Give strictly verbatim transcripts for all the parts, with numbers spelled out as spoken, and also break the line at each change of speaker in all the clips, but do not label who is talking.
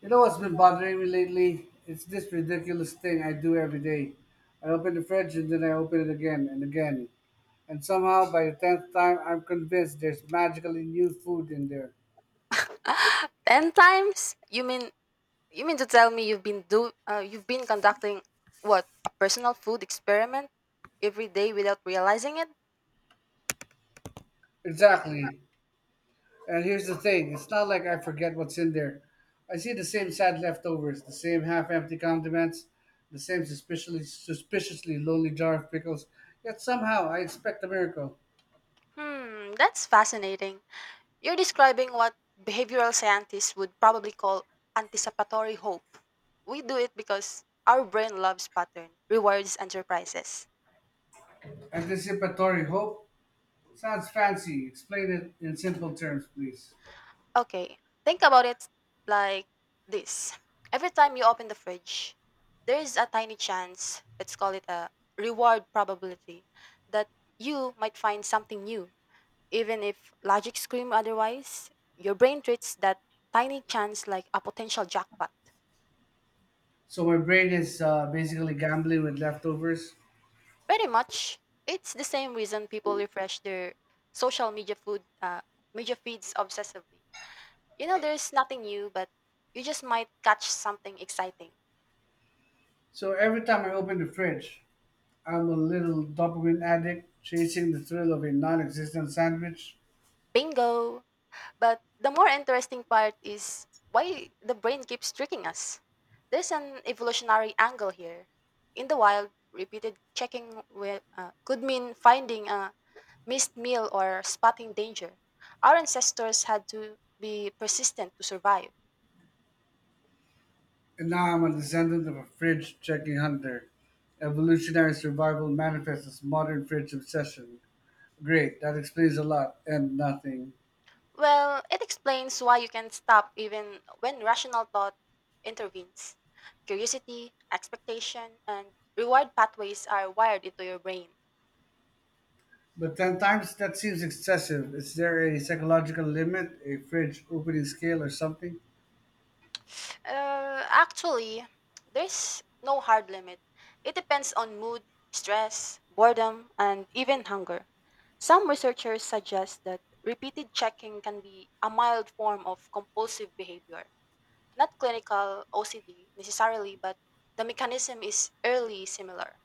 You know what's been bothering me lately? It's this ridiculous thing I do every day. I open the fridge and then I open it again and again. And somehow, by the tenth time, I'm convinced there's magically new food in there.
Ten times? You mean you mean to tell me you've been do uh, you've been conducting what a personal food experiment every day without realizing it?
Exactly. And here's the thing, it's not like I forget what's in there. I see the same sad leftovers, the same half empty condiments, the same suspiciously, suspiciously lonely jar of pickles. Yet somehow, I expect a miracle.
Hmm, that's fascinating. You're describing what behavioral scientists would probably call anticipatory hope. We do it because our brain loves pattern, rewards, and surprises.
Anticipatory hope? Sounds fancy. Explain it in simple terms, please.
Okay, think about it like this. Every time you open the fridge, there is a tiny chance, let's call it a reward probability, that you might find something new. Even if logic scream otherwise, your brain treats that tiny chance like a potential jackpot.
So my brain is uh, basically gambling with leftovers.
Pretty much, it's the same reason people refresh their social media food uh, media feeds obsessively. You know, there's nothing new, but you just might catch something exciting.
So every time I open the fridge, I'm a little dopamine addict chasing the thrill of a non-existent sandwich.
Bingo! But the more interesting part is why the brain keeps tricking us. There's an evolutionary angle here. In the wild, repeated checking will, uh, could mean finding a missed meal or spotting danger. Our ancestors had to be persistent to survive.
And now I'm a descendant of a fridge checking hunter. Evolutionary survival manifests as modern fridge obsession. Great, that explains a lot and nothing.
Well, it explains why you can stop even when rational thought intervenes. Curiosity, expectation, and reward pathways are wired into your brain.
But ten times, that seems excessive. Is there a psychological limit, a fridge opening scale or something?
Uh, actually, there's no hard limit. It depends on mood, stress, boredom, and even hunger. Some researchers suggest that repeated checking can be a mild form of compulsive behavior. Not clinical O C D necessarily, but the mechanism is early similar.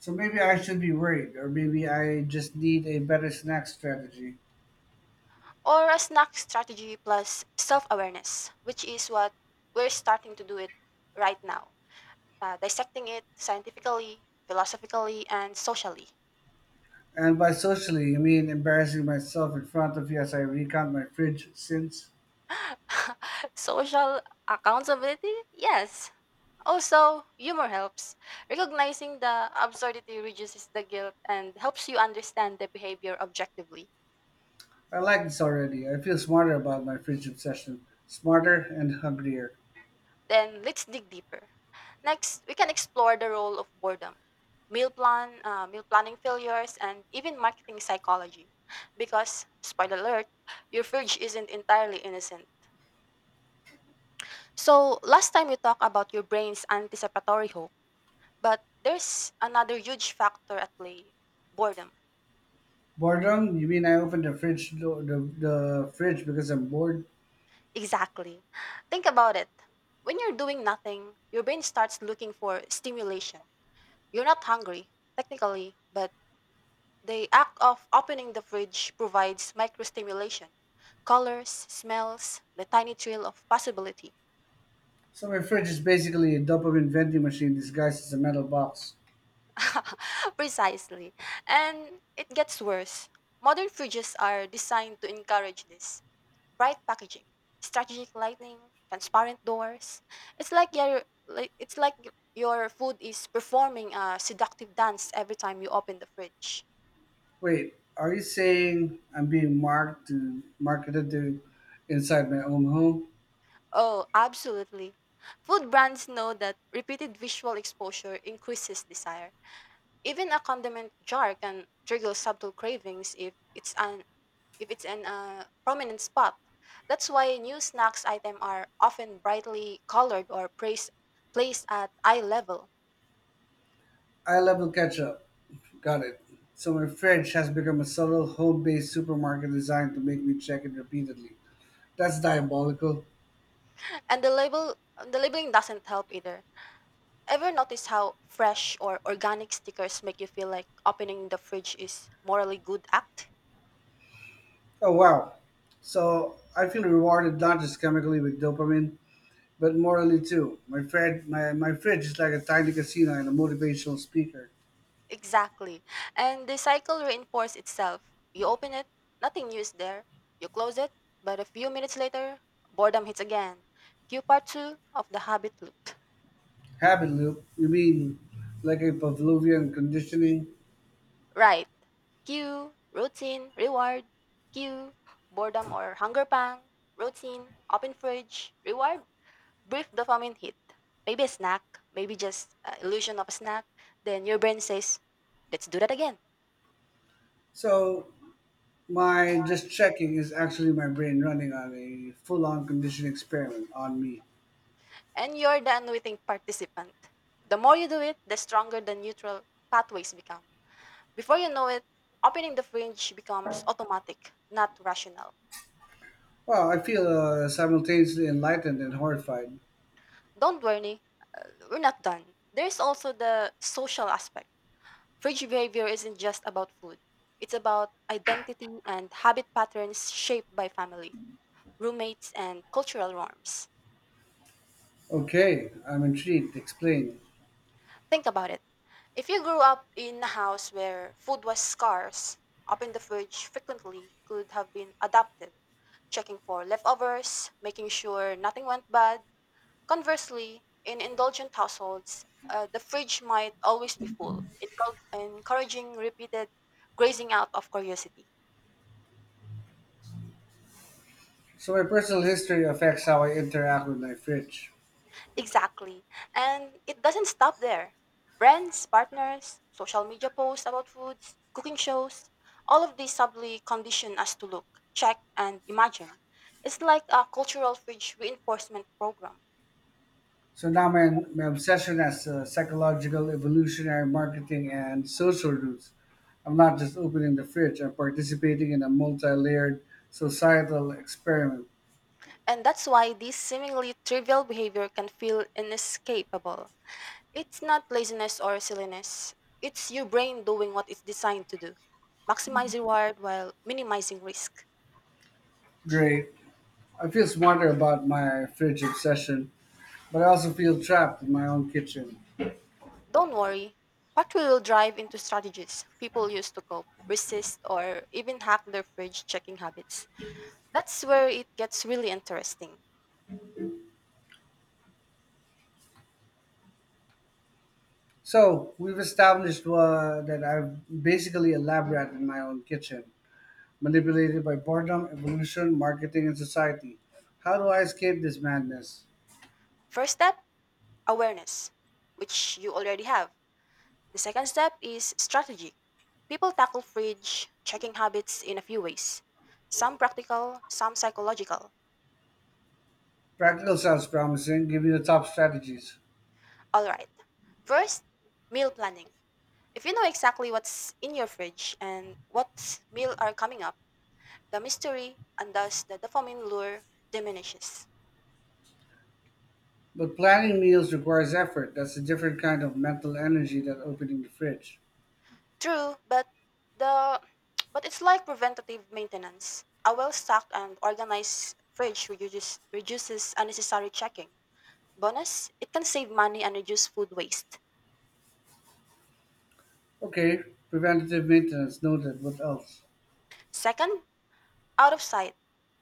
So maybe I should be worried, or maybe I just need a better snack strategy.
Or a snack strategy plus self awareness, which is what we're starting to do it right now, uh, dissecting it scientifically, philosophically, and socially.
And by socially, I mean embarrassing myself in front of you as I recount my fridge sins.
Social accountability? Yes. Also, humor helps. Recognizing the absurdity reduces the guilt and helps you understand the behavior objectively.
I like this already. I feel smarter about my fridge obsession. Smarter and hungrier.
Then let's dig deeper. Next, we can explore the role of boredom, meal plan, uh, meal planning failures, and even marketing psychology. Because spoiler alert, your fridge isn't entirely innocent. So last time we talked about your brain's anticipatory hope. But there's another huge factor at play: boredom.
Boredom? You mean I opened the fridge door, the, the fridge because I'm bored?
Exactly. Think about it. When you're doing nothing, your brain starts looking for stimulation. You're not hungry, technically, but the act of opening the fridge provides microstimulation: colors, smells, the tiny trail of possibility.
So my fridge is basically a dopamine vending machine disguised as a metal box.
Precisely. And it gets worse. Modern fridges are designed to encourage this: bright packaging, strategic lighting, transparent doors. It's like your like it's like your food is performing a seductive dance every time you open the fridge.
Wait, are you saying I'm being marked to marketed to inside my own home?
Oh, absolutely. Food brands know that repeated visual exposure increases desire. Even a condiment jar can trigger subtle cravings if it's un- if it's an uh, prominent spot. That's why new snacks item are often brightly colored or praise, placed at eye level.
I level catch up. Got it. So my fridge has become a subtle home-based supermarket designed to make me check it repeatedly. That's diabolical.
And the label the labeling doesn't help either. Ever notice how fresh or organic stickers make you feel like opening the fridge is morally good act?
Oh wow. So I feel rewarded not just chemically with dopamine, but morally too. My fridge, my, my fridge is like a tiny casino and a motivational speaker.
Exactly. And the cycle reinforces itself. You open it, nothing new is there. You close it, but a few minutes later, boredom hits again. Cue part two of the habit loop.
Habit loop. You mean like a Pavlovian conditioning?
Right. Cue, routine, reward. Cue, boredom or hunger pang. Routine, open fridge, reward. Brief dopamine hit. Maybe a snack, maybe just uh, illusion of a snack. Then your brain says, let's do that again.
So my just checking is actually my brain running on a full-on conditioning experiment on me.
And you're the unwitting participant. The more you do it, the stronger the neutral pathways become. Before you know it, opening the fridge becomes automatic, not rational.
Wow, I feel uh, simultaneously enlightened and horrified.
Don't worry, uh, we're not done. There's also the social aspect. Fridge behavior isn't just about food. It's about identity and habit patterns shaped by family, roommates, and cultural norms.
Okay, I'm intrigued. Explain.
Think about it. If you grew up in a house where food was scarce, opening the fridge frequently could have been adaptive, checking for leftovers, making sure nothing went bad. Conversely, in indulgent households, uh, the fridge might always be full, encou- encouraging repeated grazing out of curiosity.
So my personal history affects how I interact with my fridge.
Exactly. And it doesn't stop there. Friends, partners, social media posts about foods, cooking shows, all of these subtly condition us to look, check, and imagine. It's like a cultural fridge reinforcement program.
So now my, my obsession has uh, psychological, evolutionary, marketing, and social roots. I'm not just opening the fridge, I'm participating in a multi layered societal experiment.
And that's why this seemingly trivial behavior can feel inescapable. It's not laziness or silliness, it's your brain doing what it's designed to do: maximize reward while minimizing risk.
Great. I feel smarter about my fridge obsession, but I also feel trapped in my own kitchen.
Don't worry, what will drive into strategies people use to cope, resist, or even hack their fridge checking habits. That's where it gets really interesting.
So we've established uh, that I've basically a lab rat in my own kitchen, manipulated by boredom, evolution, marketing, and society. How do I escape this madness?
First step, awareness, which you already have. The second step is strategy. People tackle fridge checking habits in a few ways: some practical, some psychological.
Practical sounds promising. Give me the top strategies.
Alright, first, meal planning. If you know exactly what's in your fridge and what meal are coming up, the mystery, and thus the dopamine lure, diminishes.
But planning meals requires effort. That's a different kind of mental energy than opening the fridge.
True, but the but it's like preventative maintenance. A well-stocked and organized fridge reduces, reduces unnecessary checking. Bonus, it can save money and reduce food waste.
Okay, preventative maintenance noted. What else?
Second, out of sight,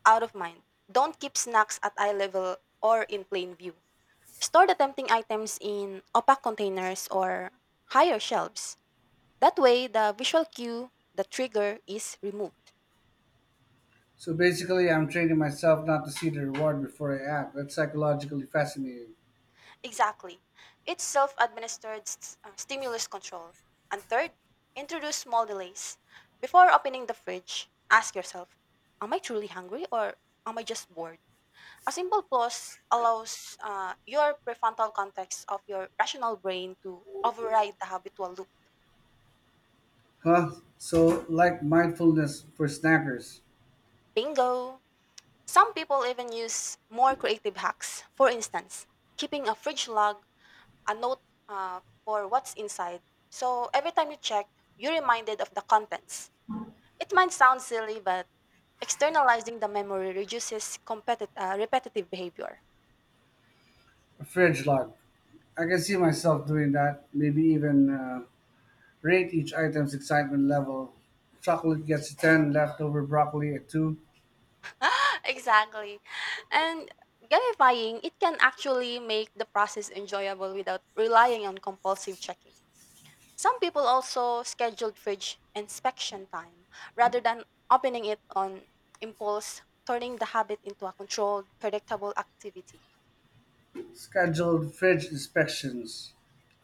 out of mind. Don't keep snacks at eye level or in plain view. Store the tempting items in opaque containers or higher shelves. That way, the visual cue, the trigger, is removed.
So basically, I'm training myself not to see the reward before I act. That's psychologically fascinating.
Exactly. It's self administered stimulus control. And third, introduce small delays. Before opening the fridge, ask yourself: am I truly hungry, or am I just bored? A simple pause allows uh, your prefrontal cortex of your rational brain to override the habitual loop.
Huh? So, like mindfulness for snackers,
Bingo! Some people even use more creative hacks. For instance, keeping a fridge log, a note uh, for what's inside. So every time you check, you're reminded of the contents. It might sound silly, but externalizing the memory reduces competi- uh, repetitive behavior.
a fridge log. I can see myself doing that. Maybe even uh, rate each item's excitement level. Chocolate gets a ten, leftover broccoli a two.
Exactly. And gamifying, it can actually make the process enjoyable without relying on compulsive checking. Some people also scheduled fridge inspection time rather than opening it on impulse, turning the habit into a controlled, predictable activity.
Scheduled fridge inspections.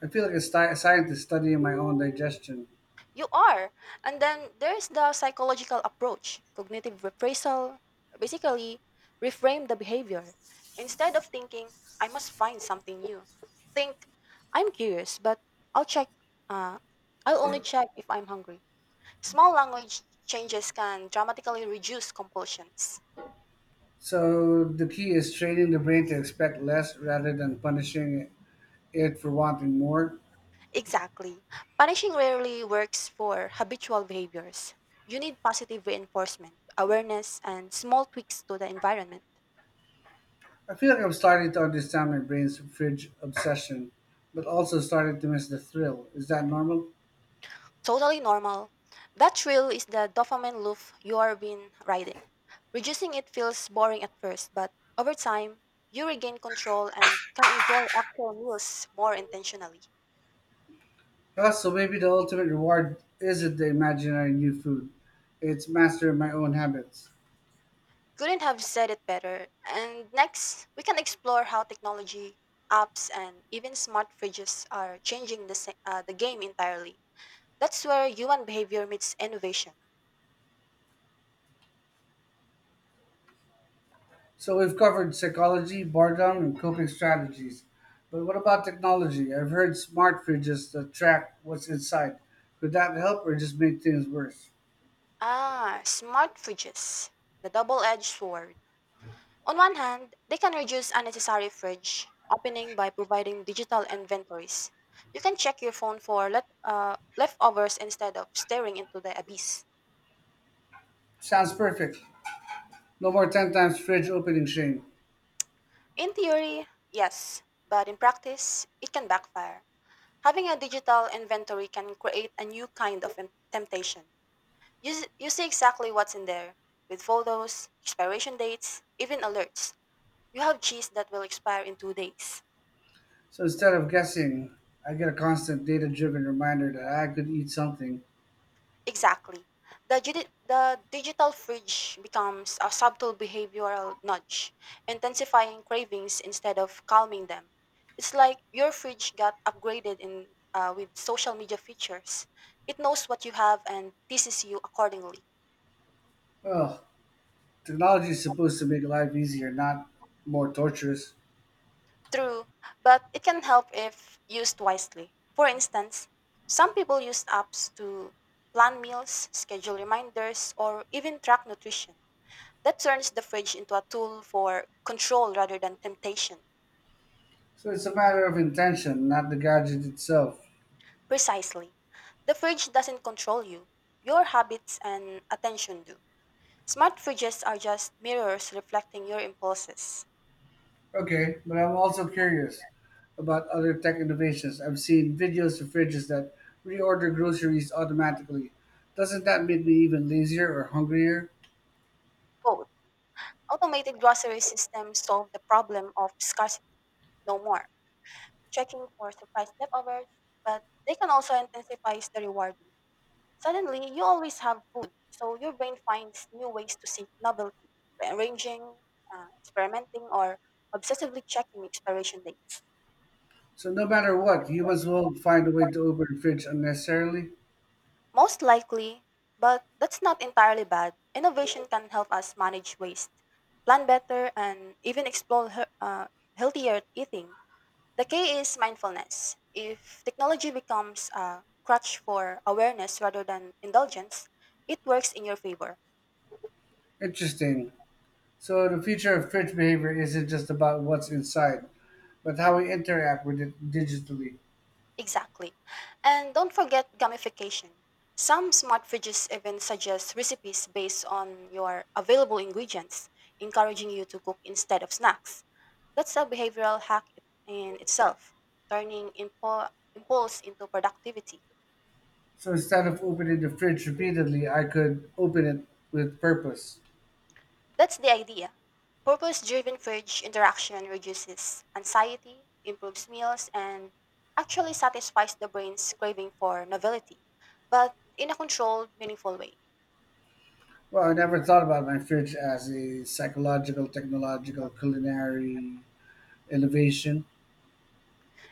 I feel like a, sti- a scientist studying my own digestion.
You are. And then there's the psychological approach, cognitive reprisal. Basically, reframe the behavior. Instead of thinking, I must find something new, think, I'm curious, but I'll check, uh, I'll only check if I'm hungry. Small language changes can dramatically reduce compulsions.
So, the key is training the brain to expect less rather than punishing it for wanting more.
Exactly. Punishing rarely works for habitual behaviors. You need positive reinforcement, awareness, and small tweaks to the environment.
I feel like I'm starting to understand my brain's fridge obsession, but also starting to miss the thrill. Is that normal?
Totally normal. That thrill is the dopamine loop you are been riding. Reducing it feels boring at first, but over time, you regain control and can enjoy actual meals more intentionally.
Ah, so maybe the ultimate reward isn't the imaginary new food. It's mastering my own habits.
Couldn't have said it better. And next, we can explore how technology, apps, and even smart fridges are changing the, se- uh, the game entirely. That's where human behavior meets innovation.
So we've covered psychology, boredom, and coping strategies. But what about technology? I've heard smart fridges that track what's inside. Could that help or just make things worse?
Ah, smart fridges, the double edged sword. On one hand, they can reduce unnecessary fridge opening by providing digital inventories. You can check your phone for let, uh, leftovers instead of staring into the abyss.
Sounds perfect. No more ten times fridge opening shame.
In theory, yes, but in practice, it can backfire. Having a digital inventory can create a new kind of em- temptation. You, s- you see exactly what's in there, with photos, expiration dates, even alerts. You have cheese that will expire in two days.
So instead of guessing, I get a constant data driven reminder that I could eat something.
Exactly. The, gidi- the digital fridge becomes a subtle behavioral nudge, intensifying cravings instead of calming them. It's like your fridge got upgraded in uh, with social media features. It knows what you have and teases you accordingly.
Well, technology is supposed to make life easier, not more torturous.
True, but it can help if used wisely. For instance, some people use apps to plan meals, schedule reminders, or even track nutrition. That turns the fridge into a tool for control rather than temptation.
So it's a matter of intention, not the gadget itself.
Precisely. The fridge doesn't control you. Your habits and attention do. Smart fridges are just mirrors reflecting your impulses.
Okay, but I'm also curious about other tech innovations. I've seen videos of fridges that reorder groceries automatically. Doesn't that make me even lazier or hungrier?
Both. Automated grocery systems solve the problem of scarcity. No more checking for surprise leftovers, but they can also intensify the reward. Suddenly, you always have food, so your brain finds new ways to seek novelty: rearranging, uh, experimenting, or obsessively checking expiration dates.
So no matter what, humans will find a way to open the fridge unnecessarily.
Most likely, but that's not entirely bad. Innovation can help us manage waste, plan better, and even explore he- uh, healthier eating. The key is mindfulness. If technology becomes a crutch for awareness rather than indulgence, it works in your favor.
Interesting. So the future of church behavior isn't just about what's inside, but how we interact with it digitally.
Exactly. And don't forget gamification. Some smart fridges even suggest recipes based on your available ingredients, encouraging you to cook instead of snacks. That's a behavioral hack in itself, turning impo- impulse into productivity.
So instead of opening the fridge repeatedly, I could open it with purpose.
That's the idea. Purpose driven fridge interaction reduces anxiety, improves meals, and actually satisfies the brain's craving for novelty, but in a controlled, meaningful way.
Well, I never thought about my fridge as a psychological, technological, culinary innovation.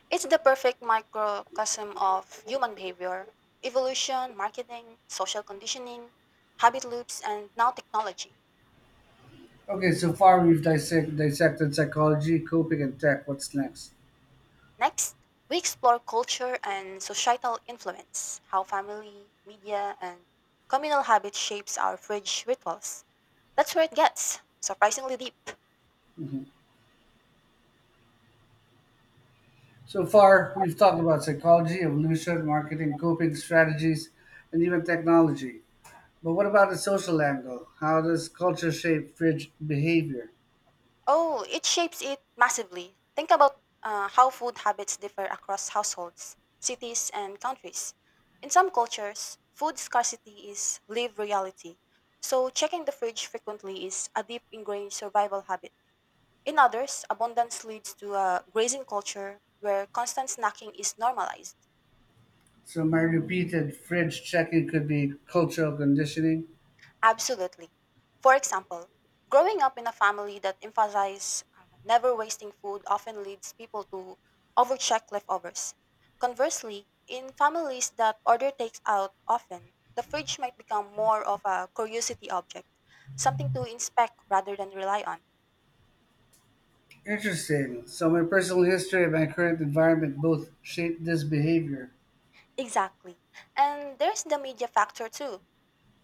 It's the perfect microcosm of human behavior, evolution, marketing, social conditioning, habit loops, and now technology.
Okay, so far we've dissect, dissected psychology, coping, and tech. What's next?
Next, we explore culture and societal influence, how family, media, and communal habit shapes our fridge rituals. That's where it gets surprisingly deep.
Mhm. So far, we've talked about psychology, evolution, marketing, coping strategies, and even technology. But what about the social angle? How does culture shape fridge behavior?
Oh, it shapes it massively. Think about uh, how food habits differ across households, cities, and countries. In some cultures, food scarcity is lived reality, so checking the fridge frequently is a deep ingrained survival habit. In others, abundance leads to a grazing culture where constant snacking is normalized.
So my repeated fridge checking could be cultural conditioning.
Absolutely. For example, growing up in a family that emphasizes uh, never wasting food often leads people to overcheck leftovers. Conversely, in families that order takes out often, the fridge might become more of a curiosity object, something to inspect rather than rely on.
Interesting. So my personal history and my current environment both shape this behavior.
Exactly. And there's the media factor too.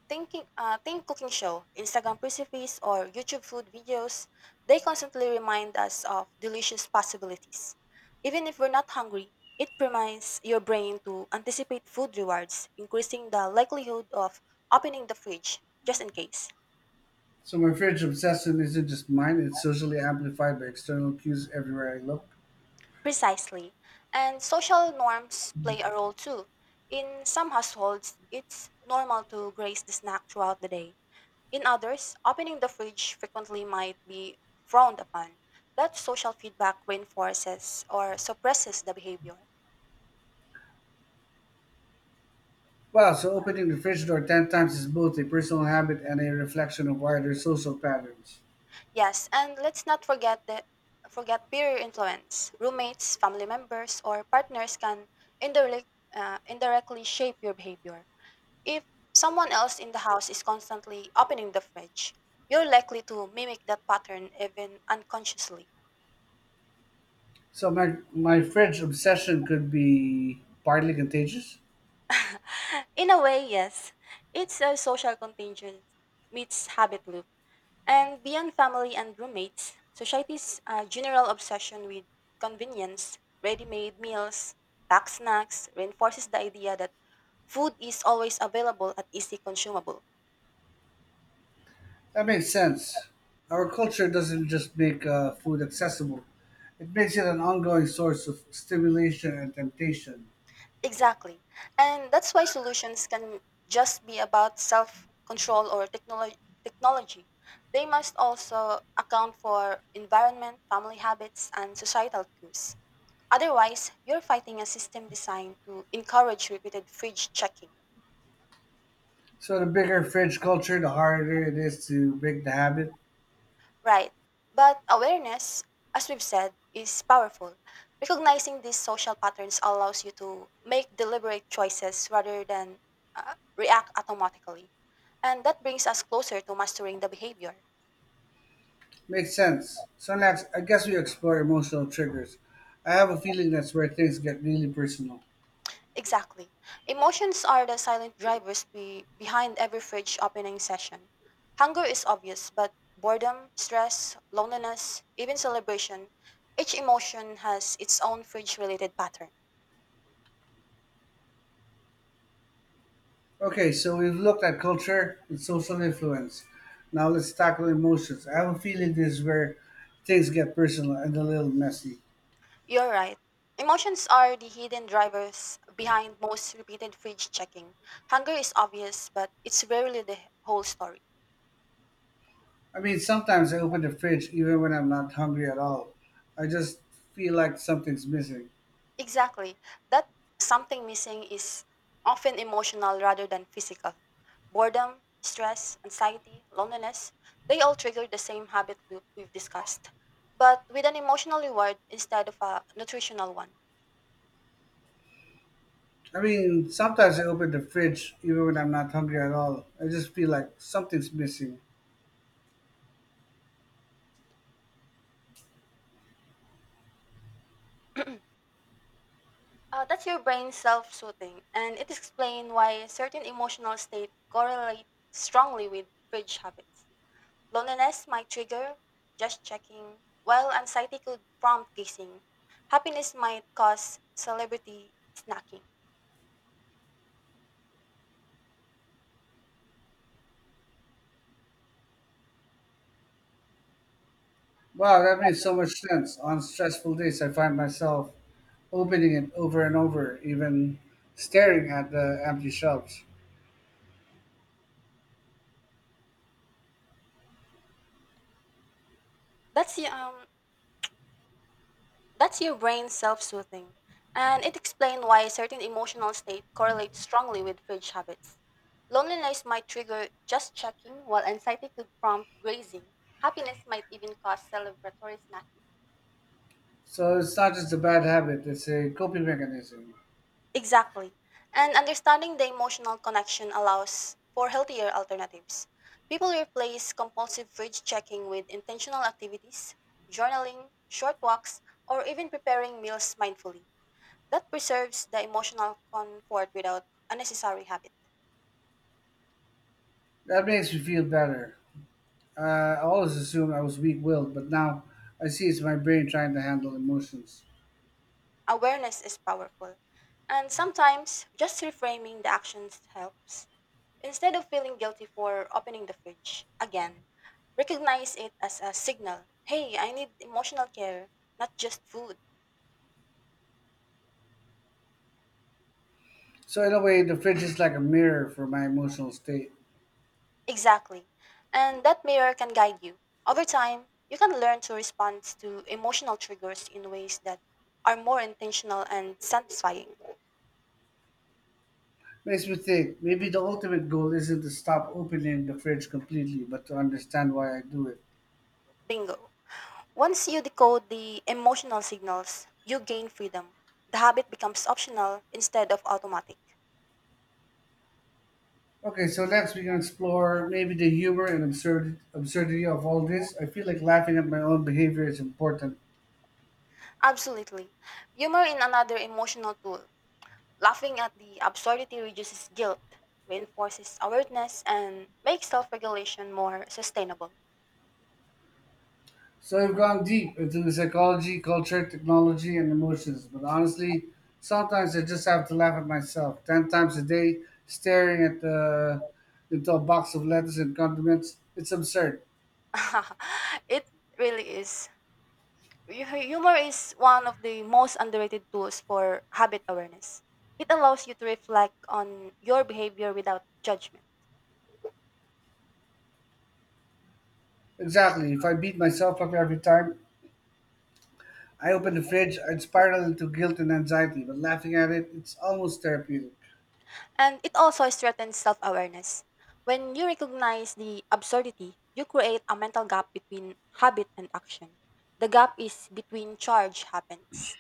Thinking, uh, think cooking show, Instagram recipes, or YouTube food videos, they constantly remind us of delicious possibilities. Even if we're not hungry, it primes your brain to anticipate food rewards, increasing the likelihood of opening the fridge just in case.
So my fridge obsession isn't just mine, it's socially amplified by external cues everywhere I look.
Precisely. And social norms play a role too. In some households, it's normal to grace the snack throughout the day. In others, opening the fridge frequently might be frowned upon. That social feedback reinforces or suppresses the behavior.
Wow, so opening the fridge door ten times is both a personal habit and a reflection of wider social patterns.
Yes, and let's not forget the forget peer influence. Roommates, family members, or partners can indirectly uh, indirectly shape your behavior. If someone else in the house is constantly opening the fridge, you're likely to mimic that pattern even unconsciously.
So my, my fridge obsession could be partly contagious.
In a way, yes. It's a social contagion meets habit loop. And beyond family and roommates, society's uh, general obsession with convenience, ready made meals, packed snacks reinforces the idea that food is always available and easy consumable.
That makes sense. Our culture doesn't just make uh, food accessible, it makes it an ongoing source of stimulation and temptation.
Exactly. And that's why solutions can just be about self control or technolo- technology. They must also account for environment, family habits, and societal cues. Otherwise, you're fighting a system designed to encourage repeated fridge checking.
So, the bigger fridge culture, the harder it is to break the habit.
Right. But awareness, as we've said, is powerful. Recognizing these social patterns allows you to make deliberate choices rather than uh, react automatically. And that brings us closer to mastering the behavior.
Makes sense. So, next, I guess we explore emotional triggers. I have a feeling that's where things get really personal.
Exactly. Emotions are the silent drivers be- behind every fridge opening session. Hunger is obvious, but boredom, stress, loneliness, even celebration, each emotion has its own fridge related pattern.
Okay, so we've looked at culture and social influence. Now, let's tackle emotions. I have a feeling this is where things get personal and a little messy.
You're right. Emotions are the hidden drivers behind most repeated fridge checking. Hunger is obvious, but it's rarely the whole story.
I mean, sometimes I open the fridge even when I'm not hungry at all. I just feel like something's missing.
Exactly. That something missing is often emotional rather than physical. Boredom, stress, anxiety, loneliness, they all trigger the same habit loop we've discussed, but with an emotional reward instead of a nutritional one.
I mean, sometimes I open the fridge even when I'm not hungry at all. I just feel like something's missing.
Uh, that's your brain self soothing, and it explains why certain emotional states correlate strongly with fridge habits. Loneliness might trigger just checking, while anxiety could prompt guessing. Happiness might cause celebrity snacking.
Wow, that makes so much sense. On stressful days, I find myself opening it over and over, even staring at the empty shelves.
That's y- um that's your brain self-soothing, and it explains why certain emotional state correlates strongly with food habits. Loneliness might trigger just checking, while anxiety could prompt grazing. Happiness might even cause celebratory snacking.
So it's not just a bad habit, it's a coping mechanism.
Exactly. And understanding the emotional connection allows for healthier alternatives. People replace compulsive fridge checking with intentional activities, journaling, short walks, or even preparing meals mindfully. That preserves the emotional comfort without unnecessary habit.
That makes me feel better. Uh, I always assumed I was weak willed, but now I see it's my brain trying to handle emotions.
Awareness is powerful. And sometimes just reframing the actions helps. Instead of feeling guilty for opening the fridge again, recognize it as a signal. Hey, I need emotional care, not just food.
So, in a way, the fridge is like a mirror for my emotional state.
Exactly. And that mirror can guide you. Over time, you can learn to respond to emotional triggers in ways that are more intentional and satisfying.
Makes me think maybe the ultimate goal isn't to stop opening the fridge completely, but to understand why I do it.
Bingo. Once you decode the emotional signals, you gain freedom. The habit becomes optional instead of automatic.
Okay, so next we can explore maybe the humor and absurd absurdity of all this. I feel like laughing at my own behavior is important.
Absolutely. Humor in another emotional tool. Laughing at the absurdity reduces guilt, reinforces awareness, and makes self regulation more sustainable.
So I've gone deep into the psychology, culture, technology, and emotions. But honestly, sometimes I just have to laugh at myself ten times a day, staring at the into a box of lettuce and condiments. It's absurd.
It really is. Hu- Humor is one of the most underrated tools for habit awareness. It allows you to reflect on your behavior without judgment.
Exactly. If I beat myself up every time I open the fridge, I'd spiral into guilt and anxiety. But laughing at it, it's almost therapeutic.
And it also strengthens self awareness. When you recognize the absurdity, you create a mental gap between habit and action. The gap is between charge happens.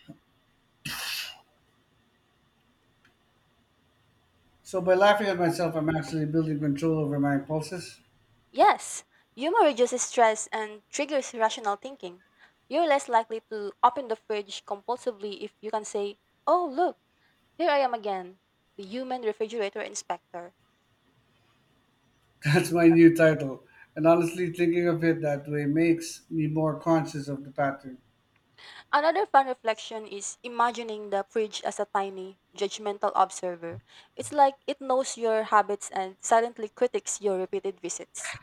So by laughing at myself, I'm actually building control over my impulses.
Yes, humor reduces stress and triggers rational thinking. You're less likely to open the fridge compulsively if you can say, "Oh, look, here I am again, the human refrigerator inspector."
That's my new title. And honestly, thinking of it that way makes me more conscious of the pattern.
Another fun reflection is imagining the fridge as a tiny, judgmental observer. It's like it knows your habits and silently critiques your repeated visits.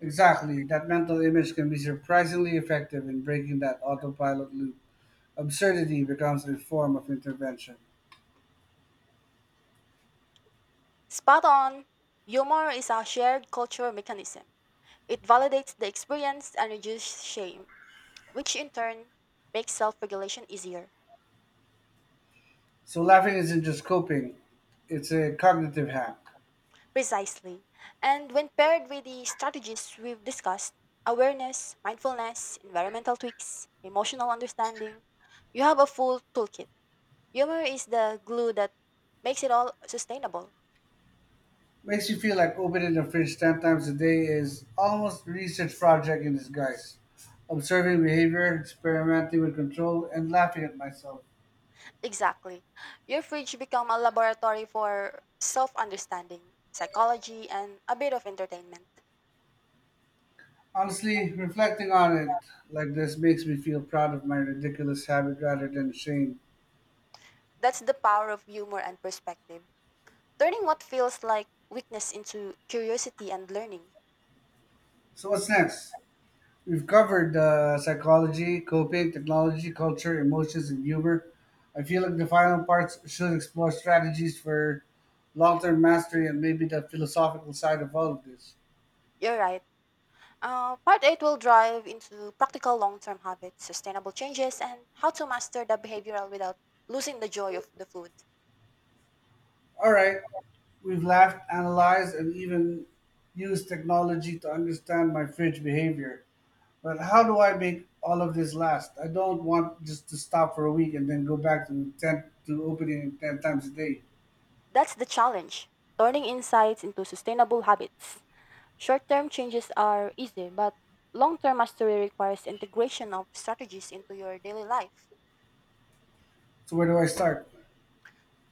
Exactly. That mental image can be surprisingly effective in breaking that autopilot loop. Absurdity becomes a form of intervention.
Spot on! Humor is a shared cultural mechanism. It validates the experience and reduces shame, which in turn makes self regulation easier.
So laughing isn't just coping, it's a cognitive hack.
Precisely. And when paired with the strategies we've discussed, awareness, mindfulness, environmental tweaks, emotional understanding, you have a full toolkit. Humor is the glue that makes it all sustainable.
Makes you feel like opening the fridge ten times a day is almost research project in disguise. Observing behavior, experimenting with control, and laughing at myself.
Exactly. Your fridge become a laboratory for self-understanding, psychology, and a bit of entertainment.
Honestly, reflecting on it like this makes me feel proud of my ridiculous habit rather than shame.
That's the power of humor and perspective. Turning what feels like weakness into curiosity and learning.
So what's next? We've covered uh, psychology, coping, technology, culture, emotions, and humor. I feel like the final parts should explore strategies for long term mastery and maybe the philosophical side of all of this.
You're right. Uh, part eight will drive into practical long-term habits, sustainable changes, and how to master the behavioral without losing the joy of the food.
All right, we've laughed, analyzed, and even used technology to understand my fridge behavior. But how do I make all of this last? I don't want just to stop for a week and then go back to 10 to opening ten times a day.
That's the challenge, turning insights into sustainable habits. Short term changes are easy, but long term mastery requires integration of strategies into your daily life.
So, where do I start?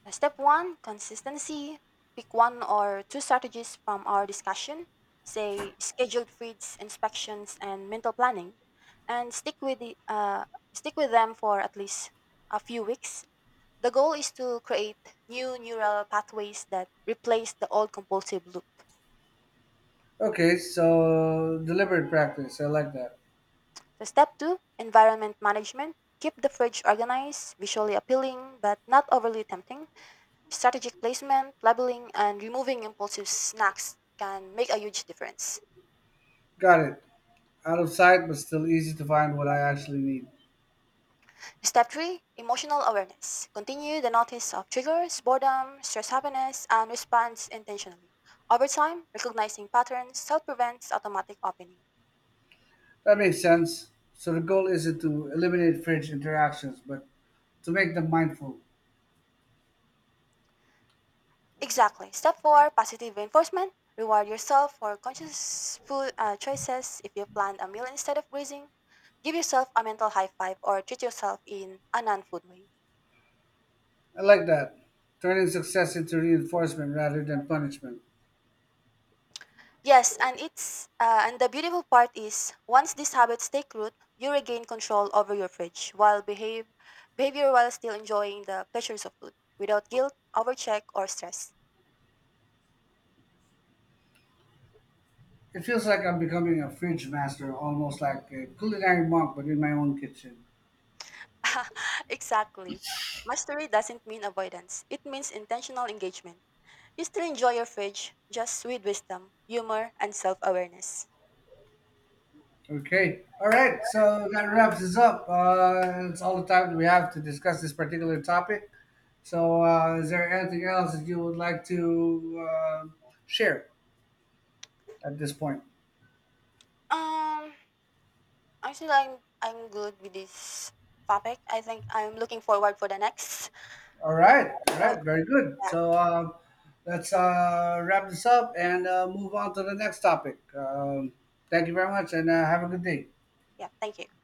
Step one, consistency. Pick one or two strategies from our discussion, say scheduled feeds, inspections, and mental planning, and stick with, the, uh, stick with them for at least a few weeks. The goal is to create new neural pathways that replace the old compulsive loop.
Okay, so deliberate practice. I like that.
So, step two, environment management. Keep the fridge organized, visually appealing, but not overly tempting. Strategic placement, labeling, and removing impulsive snacks can make a huge difference.
Got it. Out of sight, but still easy to find what I actually need.
Step three, emotional awareness. Continue the notice of triggers, boredom, stress, happiness, and response intentionally. Over time, recognizing patterns self prevents automatic opening.
That makes sense. So the goal isn't to eliminate fringe interactions, but to make them mindful.
Exactly. Step four, positive reinforcement. Reward yourself for conscious food uh, choices. If you plan a meal instead of grazing, give yourself a mental high five or treat yourself in a non food way.
I like that. Turning success into reinforcement rather than punishment.
Yes, and it's uh, and the beautiful part is once these habits take root, you regain control over your fridge while behave behavior while still enjoying the pleasures of food without guilt, overcheck, or stress.
It feels like I'm becoming a fridge master, almost like a culinary monk, but in my own kitchen.
Exactly. Mastery doesn't mean avoidance. It means intentional engagement. You still enjoy your fridge, just with wisdom, humor, and self awareness.
Okay. All right. So that wraps us up. Uh, it's all the time we have to discuss this particular topic. So, uh, is there anything else that you would like to uh, share at this point?
Um, Actually, I'm I'm good with this topic. I think I'm looking forward for the next.
All right. All
So,
right. Very good.
yeah,
So, um, let's uh, wrap this up and uh, move on to the next topic. Um, thank you very much and uh, have a good day.
yeah, thank you.